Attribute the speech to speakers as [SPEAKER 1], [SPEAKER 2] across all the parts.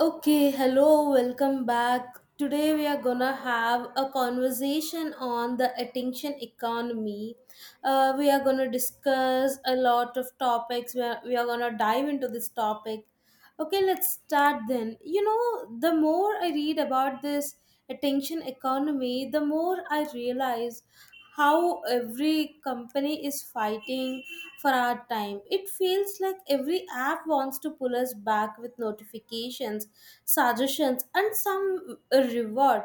[SPEAKER 1] Okay, hello, welcome back. Today we are gonna have a conversation on the attention economy. We are gonna discuss a lot of topics. We are gonna dive into this topic. Okay, let's start then. You know, the more I read about this attention economy, the more I realize how every company is fighting for our time. It feels like every app wants to pull us back with notifications, suggestions, and some reward.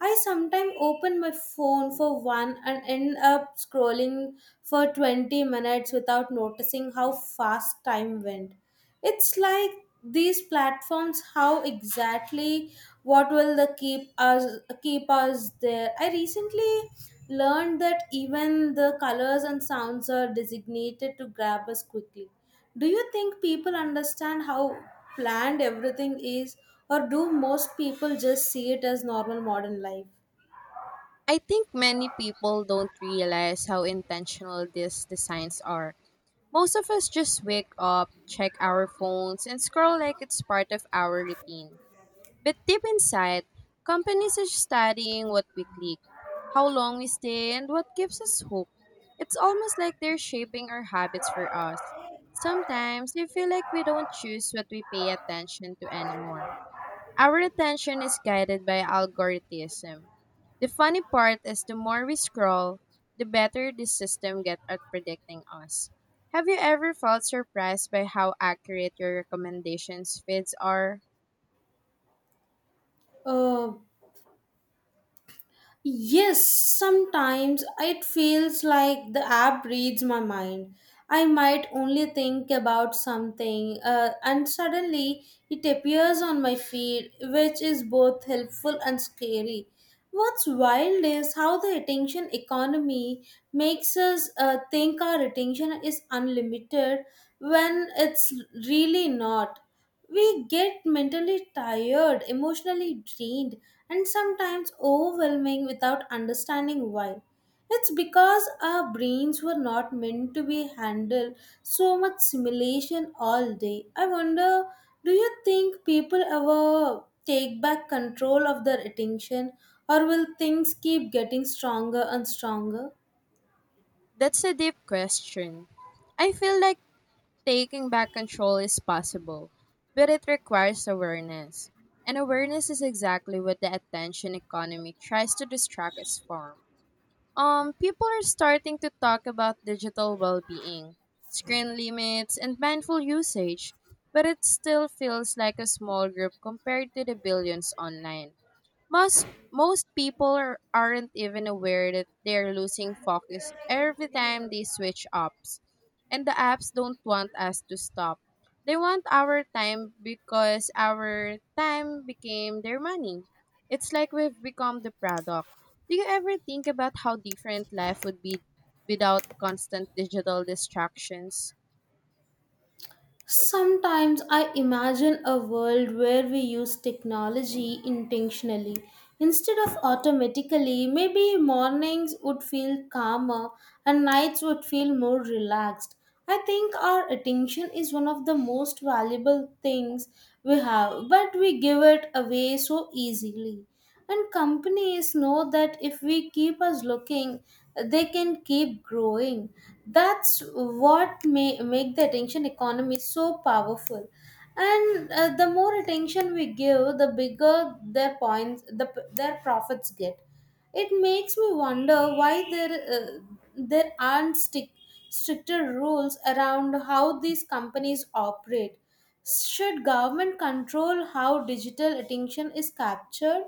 [SPEAKER 1] I sometimes open my phone for one and end up scrolling for 20 minutes without noticing how fast time went. It's like these platforms, how exactly, what will the keep us there. I recently learned that even the colors and sounds are designated to grab us quickly. Do you think people understand how planned everything is, or do most people just see it as normal modern life?
[SPEAKER 2] I think many people don't realize how intentional these designs are. Most of us just wake up, check our phones, and scroll like it's part of our routine. But deep inside, companies are studying what we click, how long we stay, and what keeps us hooked. It's almost like they're shaping our habits for us. Sometimes we feel like we don't choose what we pay attention to anymore. Our attention is guided by algorithm. The funny part is the more we scroll, the better the system gets at predicting us. Have you ever felt surprised by how accurate your recommendations feeds are?
[SPEAKER 1] uh, Yes, sometimes it feels like the app reads my mind. I might only think about something, and suddenly it appears on my feed, which is both helpful and scary. What's wild is how the attention economy makes us think our attention is unlimited when it's really not. We get mentally tired, emotionally drained, and sometimes overwhelming without understanding why. It's because our brains were not meant to be handled so much simulation all day. I wonder, do you think people ever take back control of their attention, or will things keep getting stronger and stronger?
[SPEAKER 2] That's a deep question. I feel like taking back control is possible, but it requires awareness. And awareness is exactly what the attention economy tries to distract us from. People are starting to talk about digital well-being, screen limits, and mindful usage, but it still feels like a small group compared to the billions online. Most most people aren't even aware that they're losing focus every time they switch apps. And the apps don't want us to stop. They want our time because our time became their money. It's like we've become the product. Do you ever think about how different life would be without constant digital distractions?
[SPEAKER 1] Sometimes I imagine a world where we use technology intentionally. Instead of automatically, maybe mornings would feel calmer and nights would feel more relaxed. I think our attention is one of the most valuable things we have, but we give it away so easily. And companies know that if we keep us looking, they can keep growing. That's what may make the attention economy so powerful. And the more attention we give, the bigger their points, their profits get. It makes me wonder why there aren't stricter rules around how these companies operate. Should government control how digital attention is captured?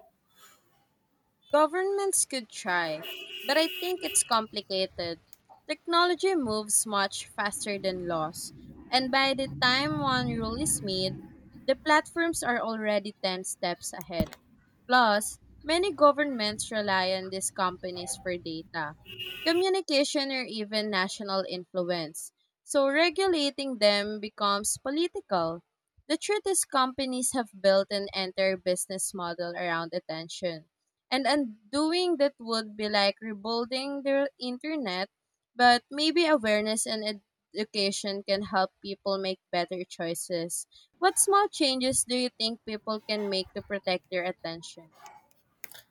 [SPEAKER 2] Governments could try, but I think it's complicated. Technology moves much faster than laws, and by the time one rule is made, the platforms are already ten steps ahead. Plus, many governments rely on these companies for data, communication, or even national influence. So, regulating them becomes political. The truth is, companies have built an entire business model around attention. And undoing that would be like rebuilding the internet, but maybe awareness and education can help people make better choices. What small changes do you think people can make to protect their attention?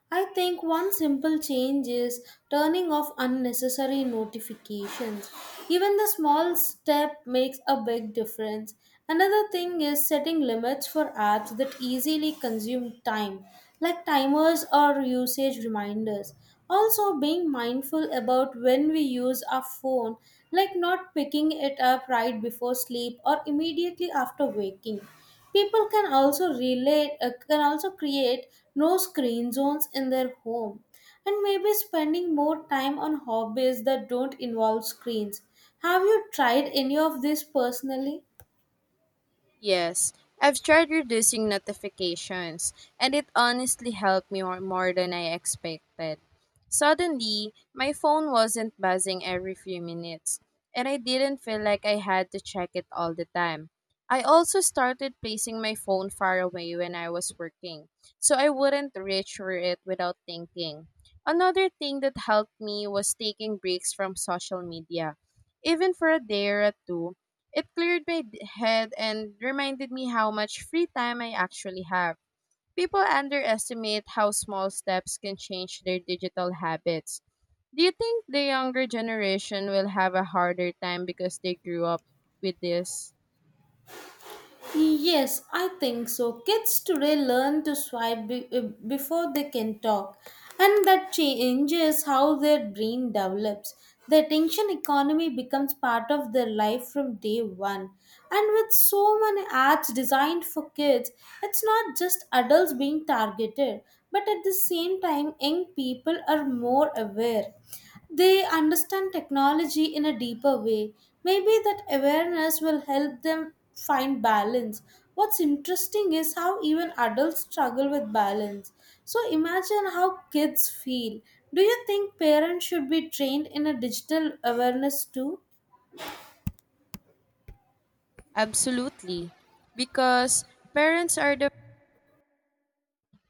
[SPEAKER 1] I think one simple change is turning off unnecessary notifications. Even the small step makes a big difference. Another thing is setting limits for apps that easily consume time, like timers or usage reminders. Also, being mindful about when we use our phone, like not picking it up right before sleep or immediately after waking. People can can also create no screen zones in their home, and maybe spending more time on hobbies that don't involve screens. Have you tried any of this personally?
[SPEAKER 2] Yes, I've tried reducing notifications, and it honestly helped me more than I expected. Suddenly, my phone wasn't buzzing every few minutes, and I didn't feel like I had to check it all the time. I also started placing my phone far away when I was working, so I wouldn't reach for it without thinking. Another thing that helped me was taking breaks from social media, even for a day or two. It cleared my head and reminded me how much free time I actually have. People underestimate how small steps can change their digital habits. Do you think the younger generation will have a harder time because they grew up with this?
[SPEAKER 1] Yes, I think so. Kids today learn to before they can talk, and that changes how their brain develops. The attention economy becomes part of their life from day one. And with so many apps designed for kids, it's not just adults being targeted, but at the same time, young people are more aware. They understand technology in a deeper way. Maybe that awareness will help them find balance. What's interesting is how even adults struggle with balance. So imagine how kids feel. Do you think parents should be trained in a digital awareness too?
[SPEAKER 2] Absolutely. Because parents are the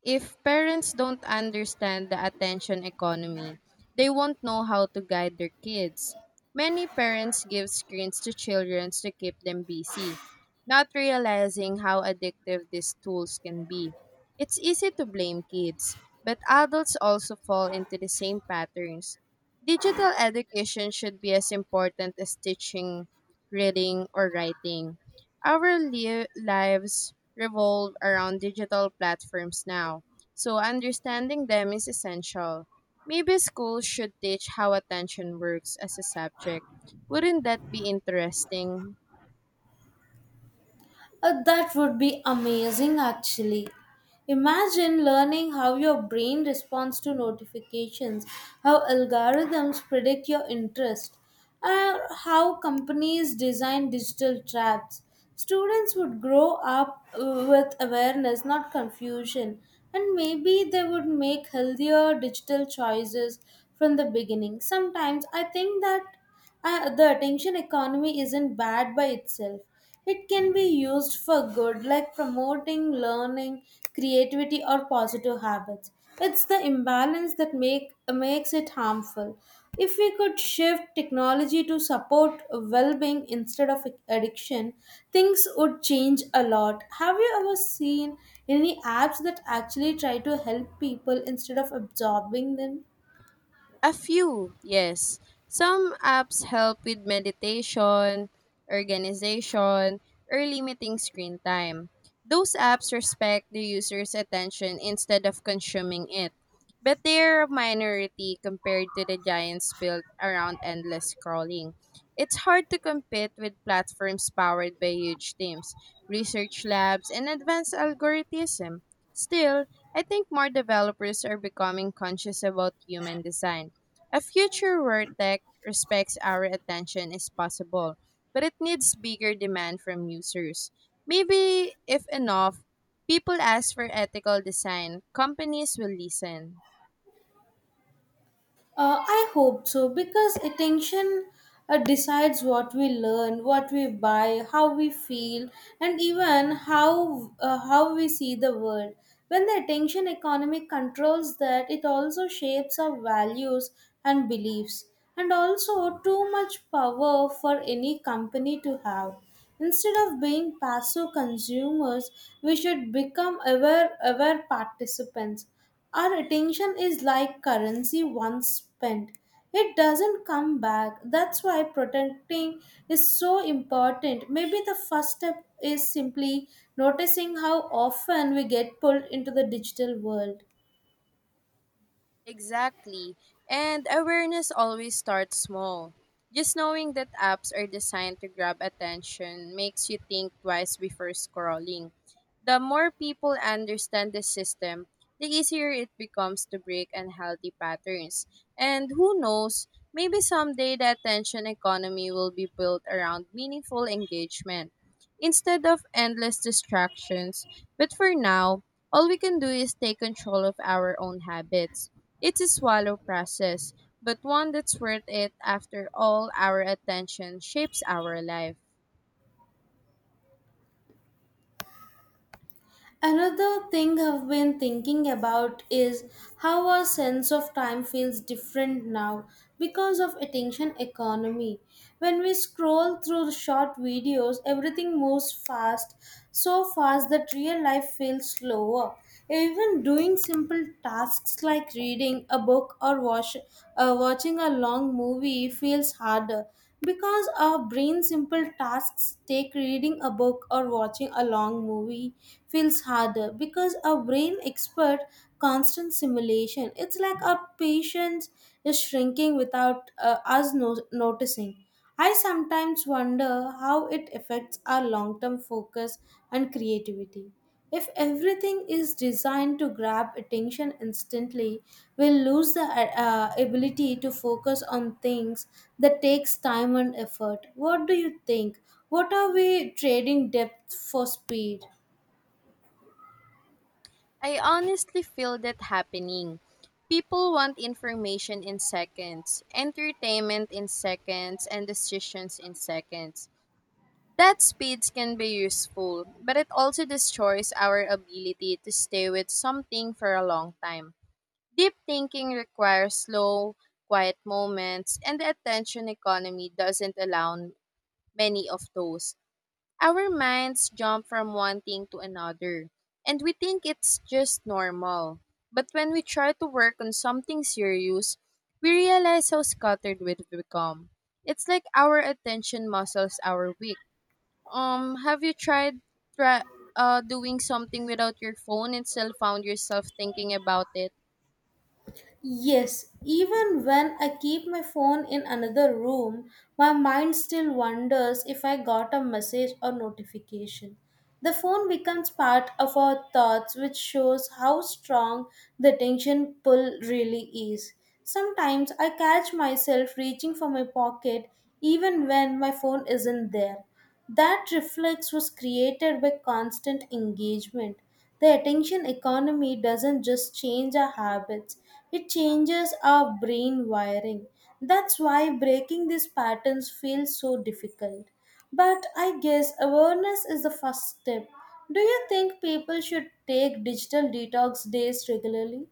[SPEAKER 2] If parents don't understand the attention economy, they won't know how to guide their kids. Many parents give screens to children to keep them busy, not realizing how addictive these tools can be. It's easy to blame kids, but adults also fall into the same patterns. Digital education should be as important as teaching reading or writing. Our lives revolve around digital platforms now, so understanding them is essential. Maybe schools should teach how attention works as a subject. Wouldn't that be interesting?
[SPEAKER 1] That would be amazing actually. Imagine learning how your brain responds to notifications, how algorithms predict your interest, or how companies design digital traps. Students would grow up with awareness, not confusion, and maybe they would make healthier digital choices from the beginning. Sometimes I think that the attention economy isn't bad by itself. It can be used for good, like promoting learning, creativity, or positive habits. It's the imbalance that makes it harmful. If we could shift technology to support well-being instead of addiction, things would change a lot. Have you ever seen any apps that actually try to help people instead of absorbing them?
[SPEAKER 2] A few, yes. Some apps help with meditation, organization, or limiting screen time. Those apps respect the user's attention instead of consuming it, but they're a minority compared to the giants built around endless scrolling. It's hard to compete with platforms powered by huge teams, research labs, and advanced algorithms. Still, I think more developers are becoming conscious about human design. A future where tech respects our attention is possible, but it needs bigger demand from users. Maybe, if enough people ask for ethical design, companies will listen.
[SPEAKER 1] I hope so, because attention decides what we learn, what we buy, how we feel, and even how we see the world. When the attention economy controls that, it also shapes our values and beliefs, and also too much power for any company to have. Instead of being passive consumers, we should become aware participants. Our attention is like currency. Once spent, it doesn't come back. That's why protecting is so important. Maybe the first step is simply noticing how often we get pulled into the digital world.
[SPEAKER 2] Exactly. And awareness always starts small. Just knowing that apps are designed to grab attention makes you think twice before scrolling. The more people understand the system, the easier it becomes to break unhealthy patterns. And who knows, maybe someday the attention economy will be built around meaningful engagement instead of endless distractions. But for now, all we can do is take control of our own habits. It's a swallow process, but one that's worth it. After all, our attention shapes our life.
[SPEAKER 1] Another thing I've been thinking about is how our sense of time feels different now because of attention economy. When we scroll through short videos, everything moves fast, so fast that real life feels slower. Even doing simple tasks like reading a book or wash, watching a long movie feels harder because our brain simple tasks take reading a book or watching a long movie feels harder because our brain expert constant simulation. It's like our patience is shrinking without us no- noticing. I sometimes wonder how it affects our long term focus and creativity. If everything is designed to grab attention instantly, we'll lose the ability to focus on things that takes time and effort. What do you think? What are we trading depth for speed?
[SPEAKER 2] I honestly feel that happening. People want information in seconds, entertainment in seconds, and decisions in seconds. That speeds can be useful, but it also destroys our ability to stay with something for a long time. Deep thinking requires slow, quiet moments, and the attention economy doesn't allow many of those. Our minds jump from one thing to another, and we think it's just normal. But when we try to work on something serious, we realize how scattered we've become. It's like our attention muscles are weak. Have you tried try, doing something without your phone and still found yourself thinking about it?
[SPEAKER 1] Yes, even when I keep my phone in another room, my mind still wonders if I got a message or notification. The phone becomes part of our thoughts, which shows how strong the attention pull really is. Sometimes I catch myself reaching for my pocket even when my phone isn't there. That reflex was created by constant engagement. The attention economy doesn't just change our habits, it changes our brain wiring. That's why breaking these patterns feels so difficult. But I guess awareness is the first step. Do you think people should take digital detox days regularly?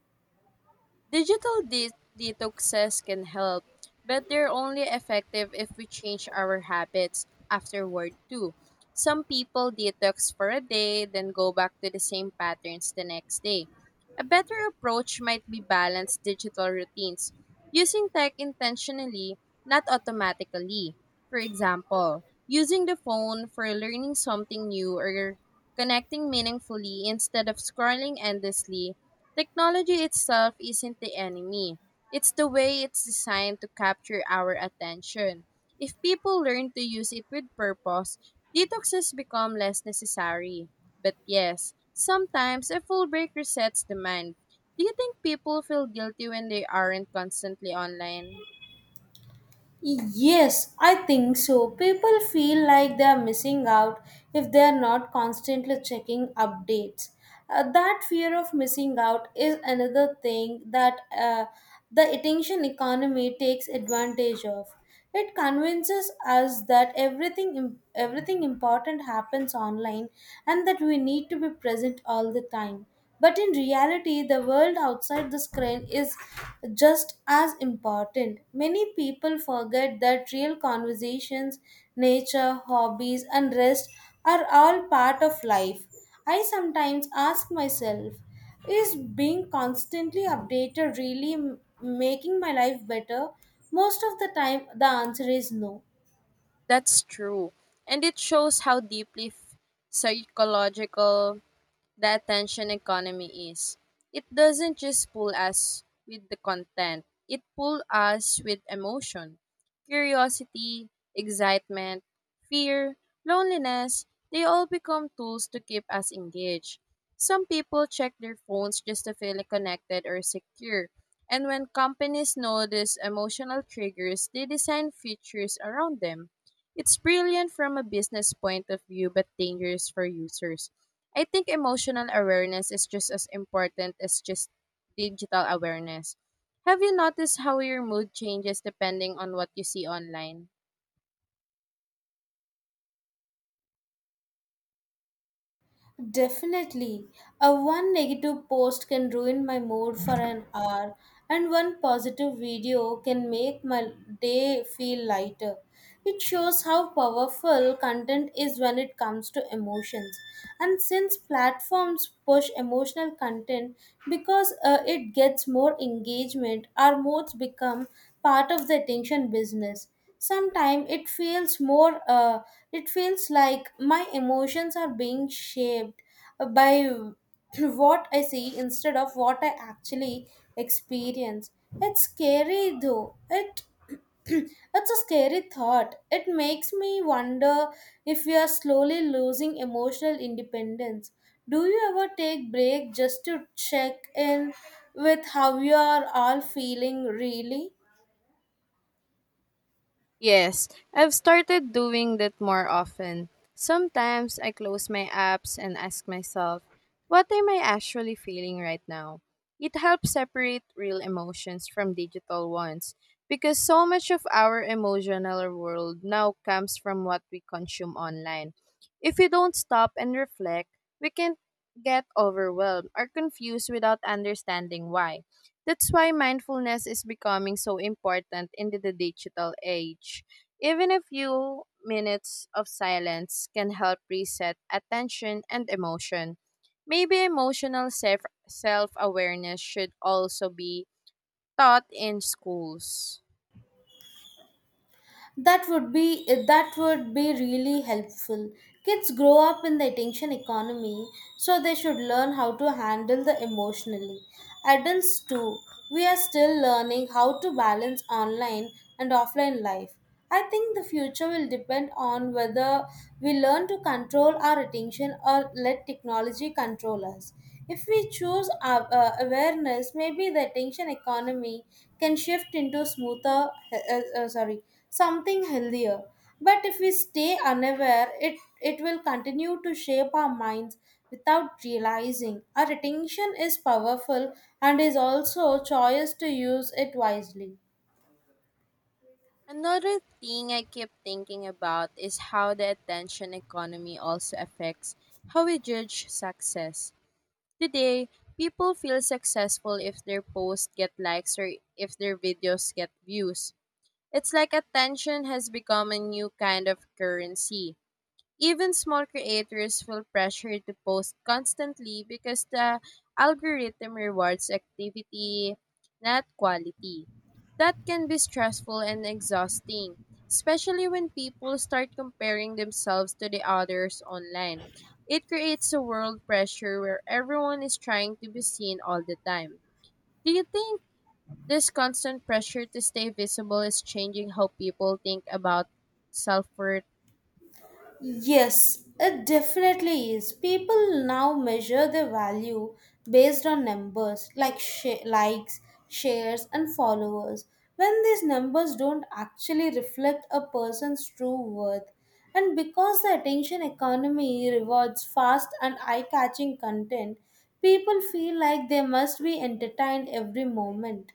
[SPEAKER 2] Digital de- Detoxes can help, but they're only effective if we change our habits afterward too. Some people detox for a day, then go back to the same patterns the next day. A better approach might be balanced digital routines, using tech intentionally, not automatically. For example, using the phone for learning something new or connecting meaningfully instead of scrolling endlessly. Technology itself isn't the enemy. It's the way it's designed to capture our attention. If people learn to use it with purpose, detoxes become less necessary. But yes, sometimes a full break resets the mind. Do you think people feel guilty when they aren't constantly online?
[SPEAKER 1] Yes, I think so. People feel like they are missing out if they are not constantly checking updates. That fear of missing out is another thing that the attention economy takes advantage of. It convinces us that everything important happens online and that we need to be present all the time. But in reality, the world outside the screen is just as important. Many people forget that real conversations, nature, hobbies, and rest are all part of life. I sometimes ask myself, is being constantly updated really making my life better? Most of the time, the answer is no.
[SPEAKER 2] That's true. And it shows how psychological the attention economy is. It doesn't just pull us with the content, it pulls us with emotion, curiosity, excitement, fear, loneliness. They all become tools to keep us engaged. Some people check their phones just to feel connected or secure. And when companies notice emotional triggers, they design features around them. It's brilliant from a business point of view, but dangerous for users. I think emotional awareness is just as important as just digital awareness. Have you noticed how your mood changes depending on what you see online?
[SPEAKER 1] Definitely. A one negative post can ruin my mood for an hour, and one positive video can make my day feel lighter. It shows how powerful content is when it comes to emotions. And since platforms push emotional content because it gets more engagement, our moods become part of the attention business. Sometimes it feels like my emotions are being shaped by what I see instead of what I actually experience. It's scary though. It it's a scary thought. It makes me wonder if we are slowly losing emotional independence. Do you ever take break just to check in with how you are all feeling really?
[SPEAKER 2] Yes, I've started doing that more often. Sometimes I close my apps and ask myself, what am I actually feeling right now? It helps separate real emotions from digital ones because so much of our emotional world now comes from what we consume online. If we don't stop and reflect, we can get overwhelmed or confused without understanding why. That's why mindfulness is becoming so important in the digital age. Even a few minutes of silence can help reset attention and emotion. Maybe emotional self awareness should also be taught in schools.
[SPEAKER 1] That would be really helpful. Kids grow up in the attention economy, so they should learn how to handle the emotionally. Adults too. We are still learning how to balance online and offline life. I think the future will depend on whether we learn to control our attention or let technology control us. If we choose awareness, maybe the attention economy can shift into something healthier. But if we stay unaware, it will continue to shape our minds without realizing. Our attention is powerful and is also a choice to use it wisely.
[SPEAKER 2] Another thing I keep thinking about is how the attention economy also affects how we judge success. Today, people feel successful if their posts get likes or if their videos get views. It's like attention has become a new kind of currency. Even small creators feel pressure to post constantly because the algorithm rewards activity, not quality. That can be stressful and exhausting, especially when people start comparing themselves to the others online. It creates a world pressure where everyone is trying to be seen all the time. Do you think this constant pressure to stay visible is changing how people think about self worth?
[SPEAKER 1] Yes, it definitely is. People now measure their value based on numbers like likes, shares, and followers. When these numbers don't actually reflect a person's true worth, and because the attention economy rewards fast and eye catching content, people feel like they must be entertained every moment.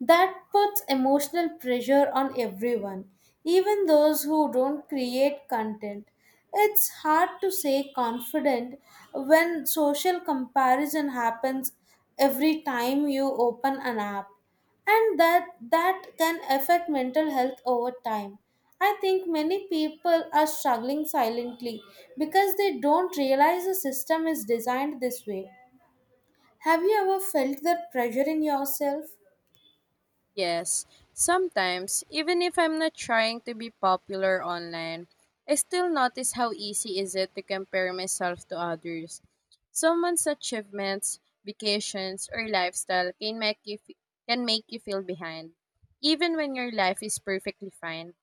[SPEAKER 1] That puts emotional pressure on everyone, even those who don't create content. It's hard to say confident when social comparison happens every time you open an app, and that can affect mental health over time. I think many people are struggling silently because they don't realize the system is designed this way. Have you ever felt that pressure in yourself?
[SPEAKER 2] Yes, sometimes, even if I'm not trying to be popular online, I still notice how easy is it to compare myself to others. Someone's achievements, vacations, or lifestyle can can make you feel behind, even when your life is perfectly fine.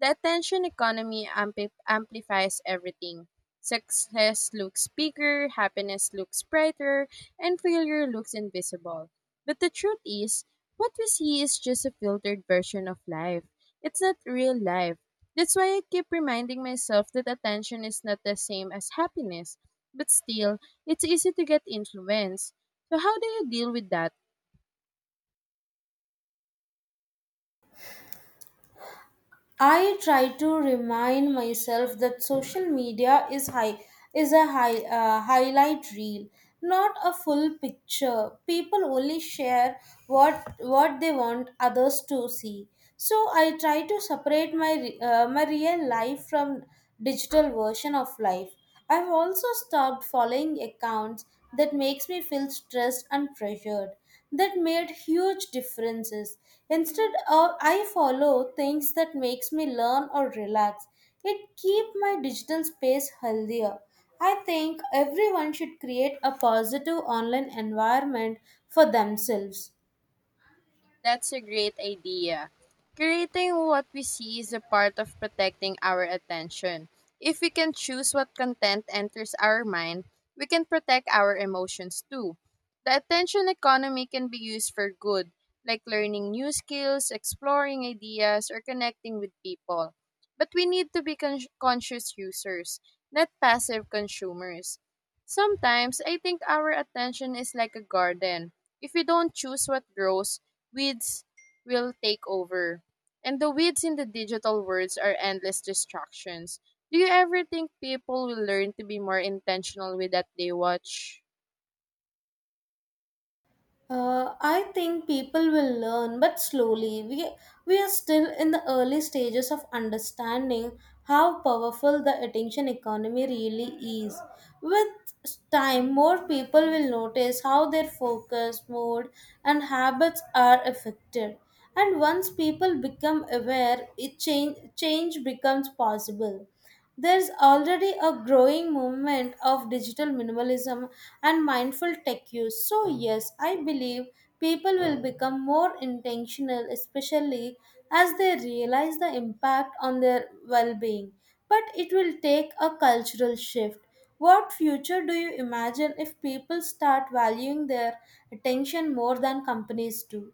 [SPEAKER 2] The attention economy amplifies everything. Success looks bigger, happiness looks brighter, and failure looks invisible. But the truth is, what we see is just a filtered version of life. It's not real life. That's why I keep reminding myself that attention is not the same as happiness. But still, it's easy to get influenced. So, how do you deal with that?
[SPEAKER 1] I try to remind myself that social media is a highlight reel, not a full picture. People only share what they want others to see. So I try to separate my real life from digital version of life. I've also stopped following accounts that makes me feel stressed and pressured. That made huge differences. Instead of I follow things that makes me learn or relax. It keep my digital space healthier. I think everyone should create a positive online environment for themselves.
[SPEAKER 2] That's a great idea. Curating what we see is a part of protecting our attention. If we can choose what content enters our mind, we can protect our emotions too. The attention economy can be used for good, like learning new skills, exploring ideas, or connecting with people. But we need to be conscious users, not passive consumers. Sometimes I think our attention is like a garden. If we don't choose what grows, weeds will take over. And the weeds in the digital worlds are endless distractions. Do you ever think people will learn to be more intentional with that they watch?
[SPEAKER 1] I think people will learn, but slowly. We are still in the early stages of understanding how powerful the attention economy really is. With time, more people will notice how their focus, mood, and habits are affected. And once people become aware, change becomes possible. There's already a growing movement of digital minimalism and mindful tech use. So, yes, I believe people will become more intentional, especially as they realize the impact on their well being. But it will take a cultural shift. What future do you imagine if people start valuing their attention more than companies do?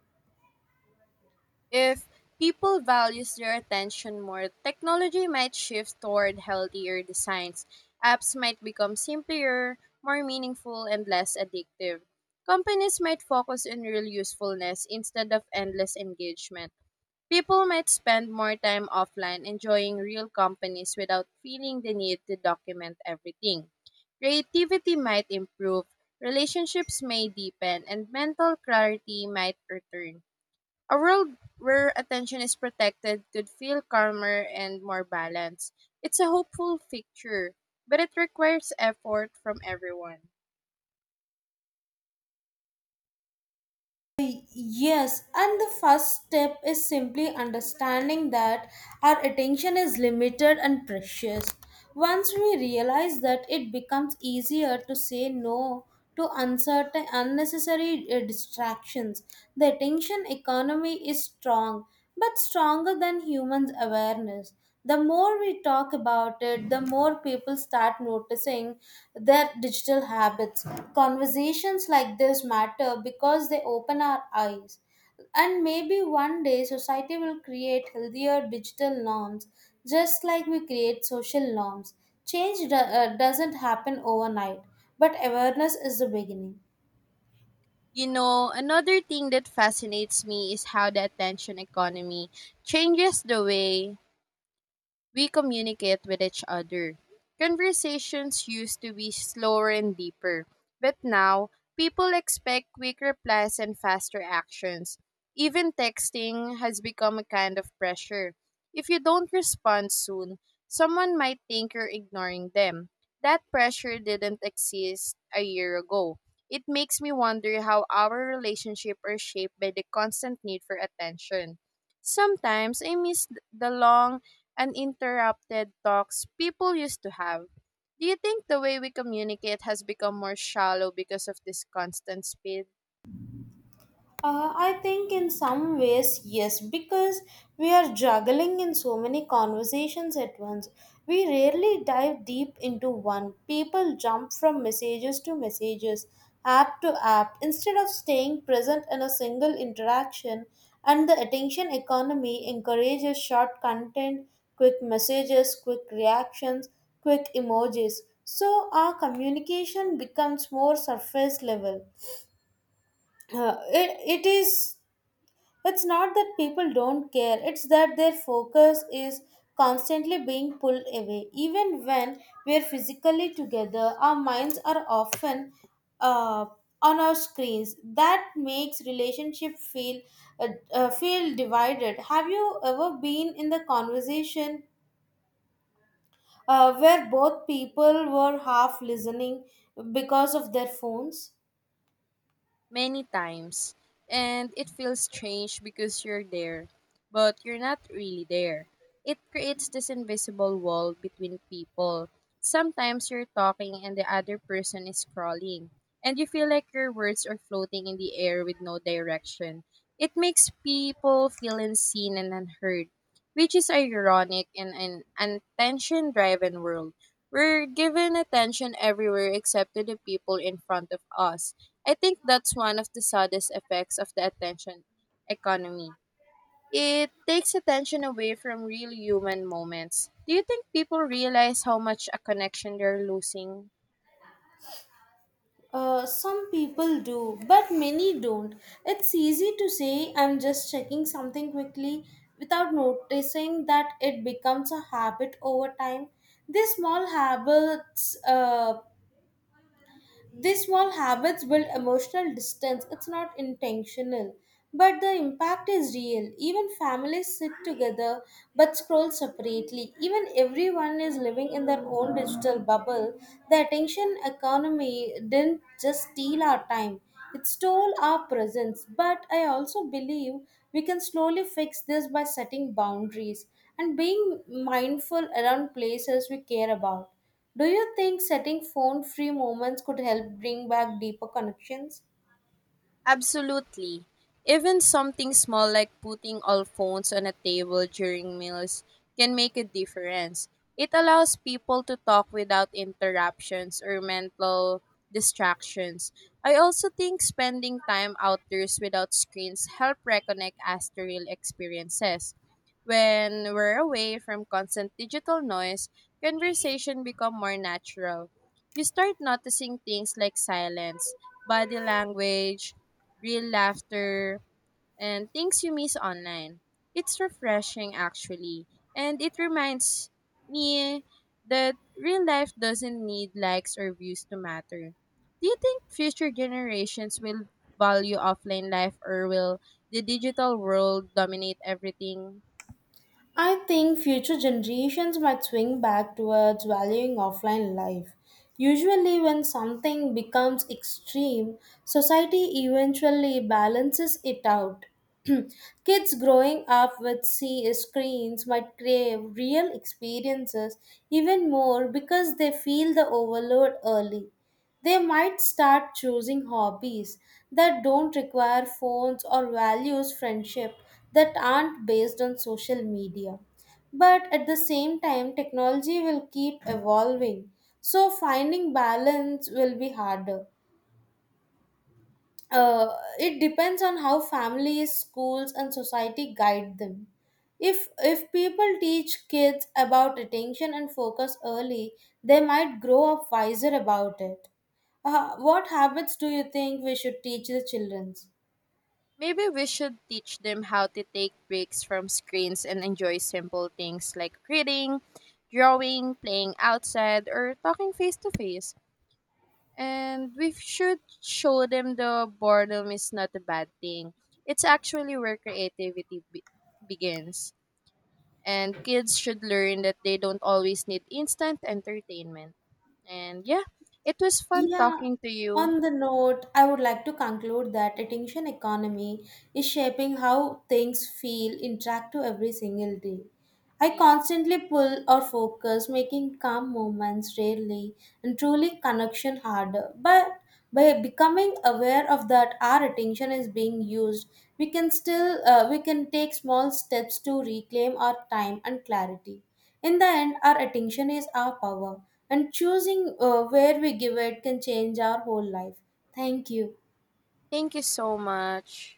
[SPEAKER 2] If people values their attention more, technology might shift toward healthier designs. Apps might become simpler, more meaningful, and less addictive. Companies might focus on real usefulness instead of endless engagement. People might spend more time offline enjoying real companies without feeling the need to document everything. Creativity might improve, relationships may deepen, and mental clarity might return. A world where attention is protected could feel calmer and more balanced. It's a hopeful picture, but it requires effort from everyone.
[SPEAKER 1] Yes, and the first step is simply understanding that our attention is limited and precious. Once we realize that, it becomes easier to say no to uncertain, unnecessary distractions. The attention economy is strong, but stronger than humans' awareness the more we talk about it, the more people start noticing their digital habits. Conversations like this matter because they open our eyes. And maybe one day society will create healthier digital norms just like we create social norms. Change doesn't happen overnight, but awareness is the beginning.
[SPEAKER 2] You know, another thing that fascinates me is how the attention economy changes the way we communicate with each other. Conversations used to be slower and deeper, but now people expect quick replies and faster actions. Even texting has become a kind of pressure. If you don't respond soon, someone might think you're ignoring them. That pressure didn't exist a year ago. It makes me wonder how our relationship are shaped by the constant need for attention. Sometimes I miss the long uninterrupted talks people used to have. Do you think the way we communicate has become more shallow because of this constant speed?
[SPEAKER 1] I think in some ways, yes, because we are juggling in so many conversations at once. We rarely dive deep into one. People jump from messages to messages, app to app, instead of staying present in a single interaction. And the attention economy encourages short content, quick messages, quick reactions, quick emojis. So our communication becomes more surface level. It, it is it's not that people don't care, it's that their focus is constantly being pulled away. Even when we're physically together, our minds are often uh, on our screens. That makes relationship feel feel divided. Have you ever been in the conversation where both people were half listening because of their phones?
[SPEAKER 2] Many times, and it feels strange because you're there but you're not really there. It creates this invisible wall between people. Sometimes you're talking and the other person is scrolling, and you feel like your words are floating in the air with no direction. It makes people feel unseen and unheard, which is ironic in an attention driven world. We're given attention everywhere except to the people in front of us. I think that's one of the saddest effects of the attention economy. It takes attention away from real human moments. Do you think people realize how much a connection they're losing?
[SPEAKER 1] Some people do, but many don't. It's easy to say I'm just checking something quickly without noticing that it becomes a habit over time. These small habits uh, these small habits build emotional distance. It's not intentional, but the impact is real. Even families sit together but scroll separately. Even everyone is living in their own digital bubble. The attention economy didn't just steal our time, it stole our presence. But I also believe we can slowly fix this by setting boundaries and being mindful around places we care about. Do you think setting phone free moments could help bring back deeper connections?
[SPEAKER 2] Absolutely. Even something small like putting all phones on a table during meals can make a difference. It allows people to talk without interruptions or mental distractions. I also think spending time outdoors without screens help reconnect us to real experiences. When we're away from constant digital noise, conversation become more natural. You start noticing things like silence, body language, real laughter, and things you miss online. It's refreshing, actually, and it reminds me that real life doesn't need likes or views to matter. Do you think future generations will value offline life or will the digital world dominate everything?
[SPEAKER 1] I think future generations might swing back towards valuing offline life. Usually, when something becomes extreme, society eventually balances it out. Kids growing up with see screens might crave real experiences even more because they feel the overload early. They might start choosing hobbies that don't require phones or values friendship that aren't based on social media. But at the same time, technology will keep evolving, so finding balance will be harder uh, it depends on how families schools and society guide them if people teach kids about attention and focus early they might grow up wiser about it what habits do you think we should teach the children?
[SPEAKER 2] Maybe we should teach them how to take breaks from screens and enjoy simple things like reading, drawing, playing outside, or talking face to face. And we should show them the boredom is not a bad thing. It's actually where creativity begins. And kids should learn that they don't always need instant entertainment. And yeah, it was fun
[SPEAKER 1] Yeah,
[SPEAKER 2] talking to you.
[SPEAKER 1] on the note I would like to conclude that attention economy is shaping how things feel interact to every single day. I constantly pull or focus, making calm moments rarely and truly connection harder. But by becoming aware of that our attention is being used, we can still we can take small steps to reclaim our time and clarity. In the end, our attention is our power, and choosing where we give it can change our whole life. Thank you.
[SPEAKER 2] Thank you so much.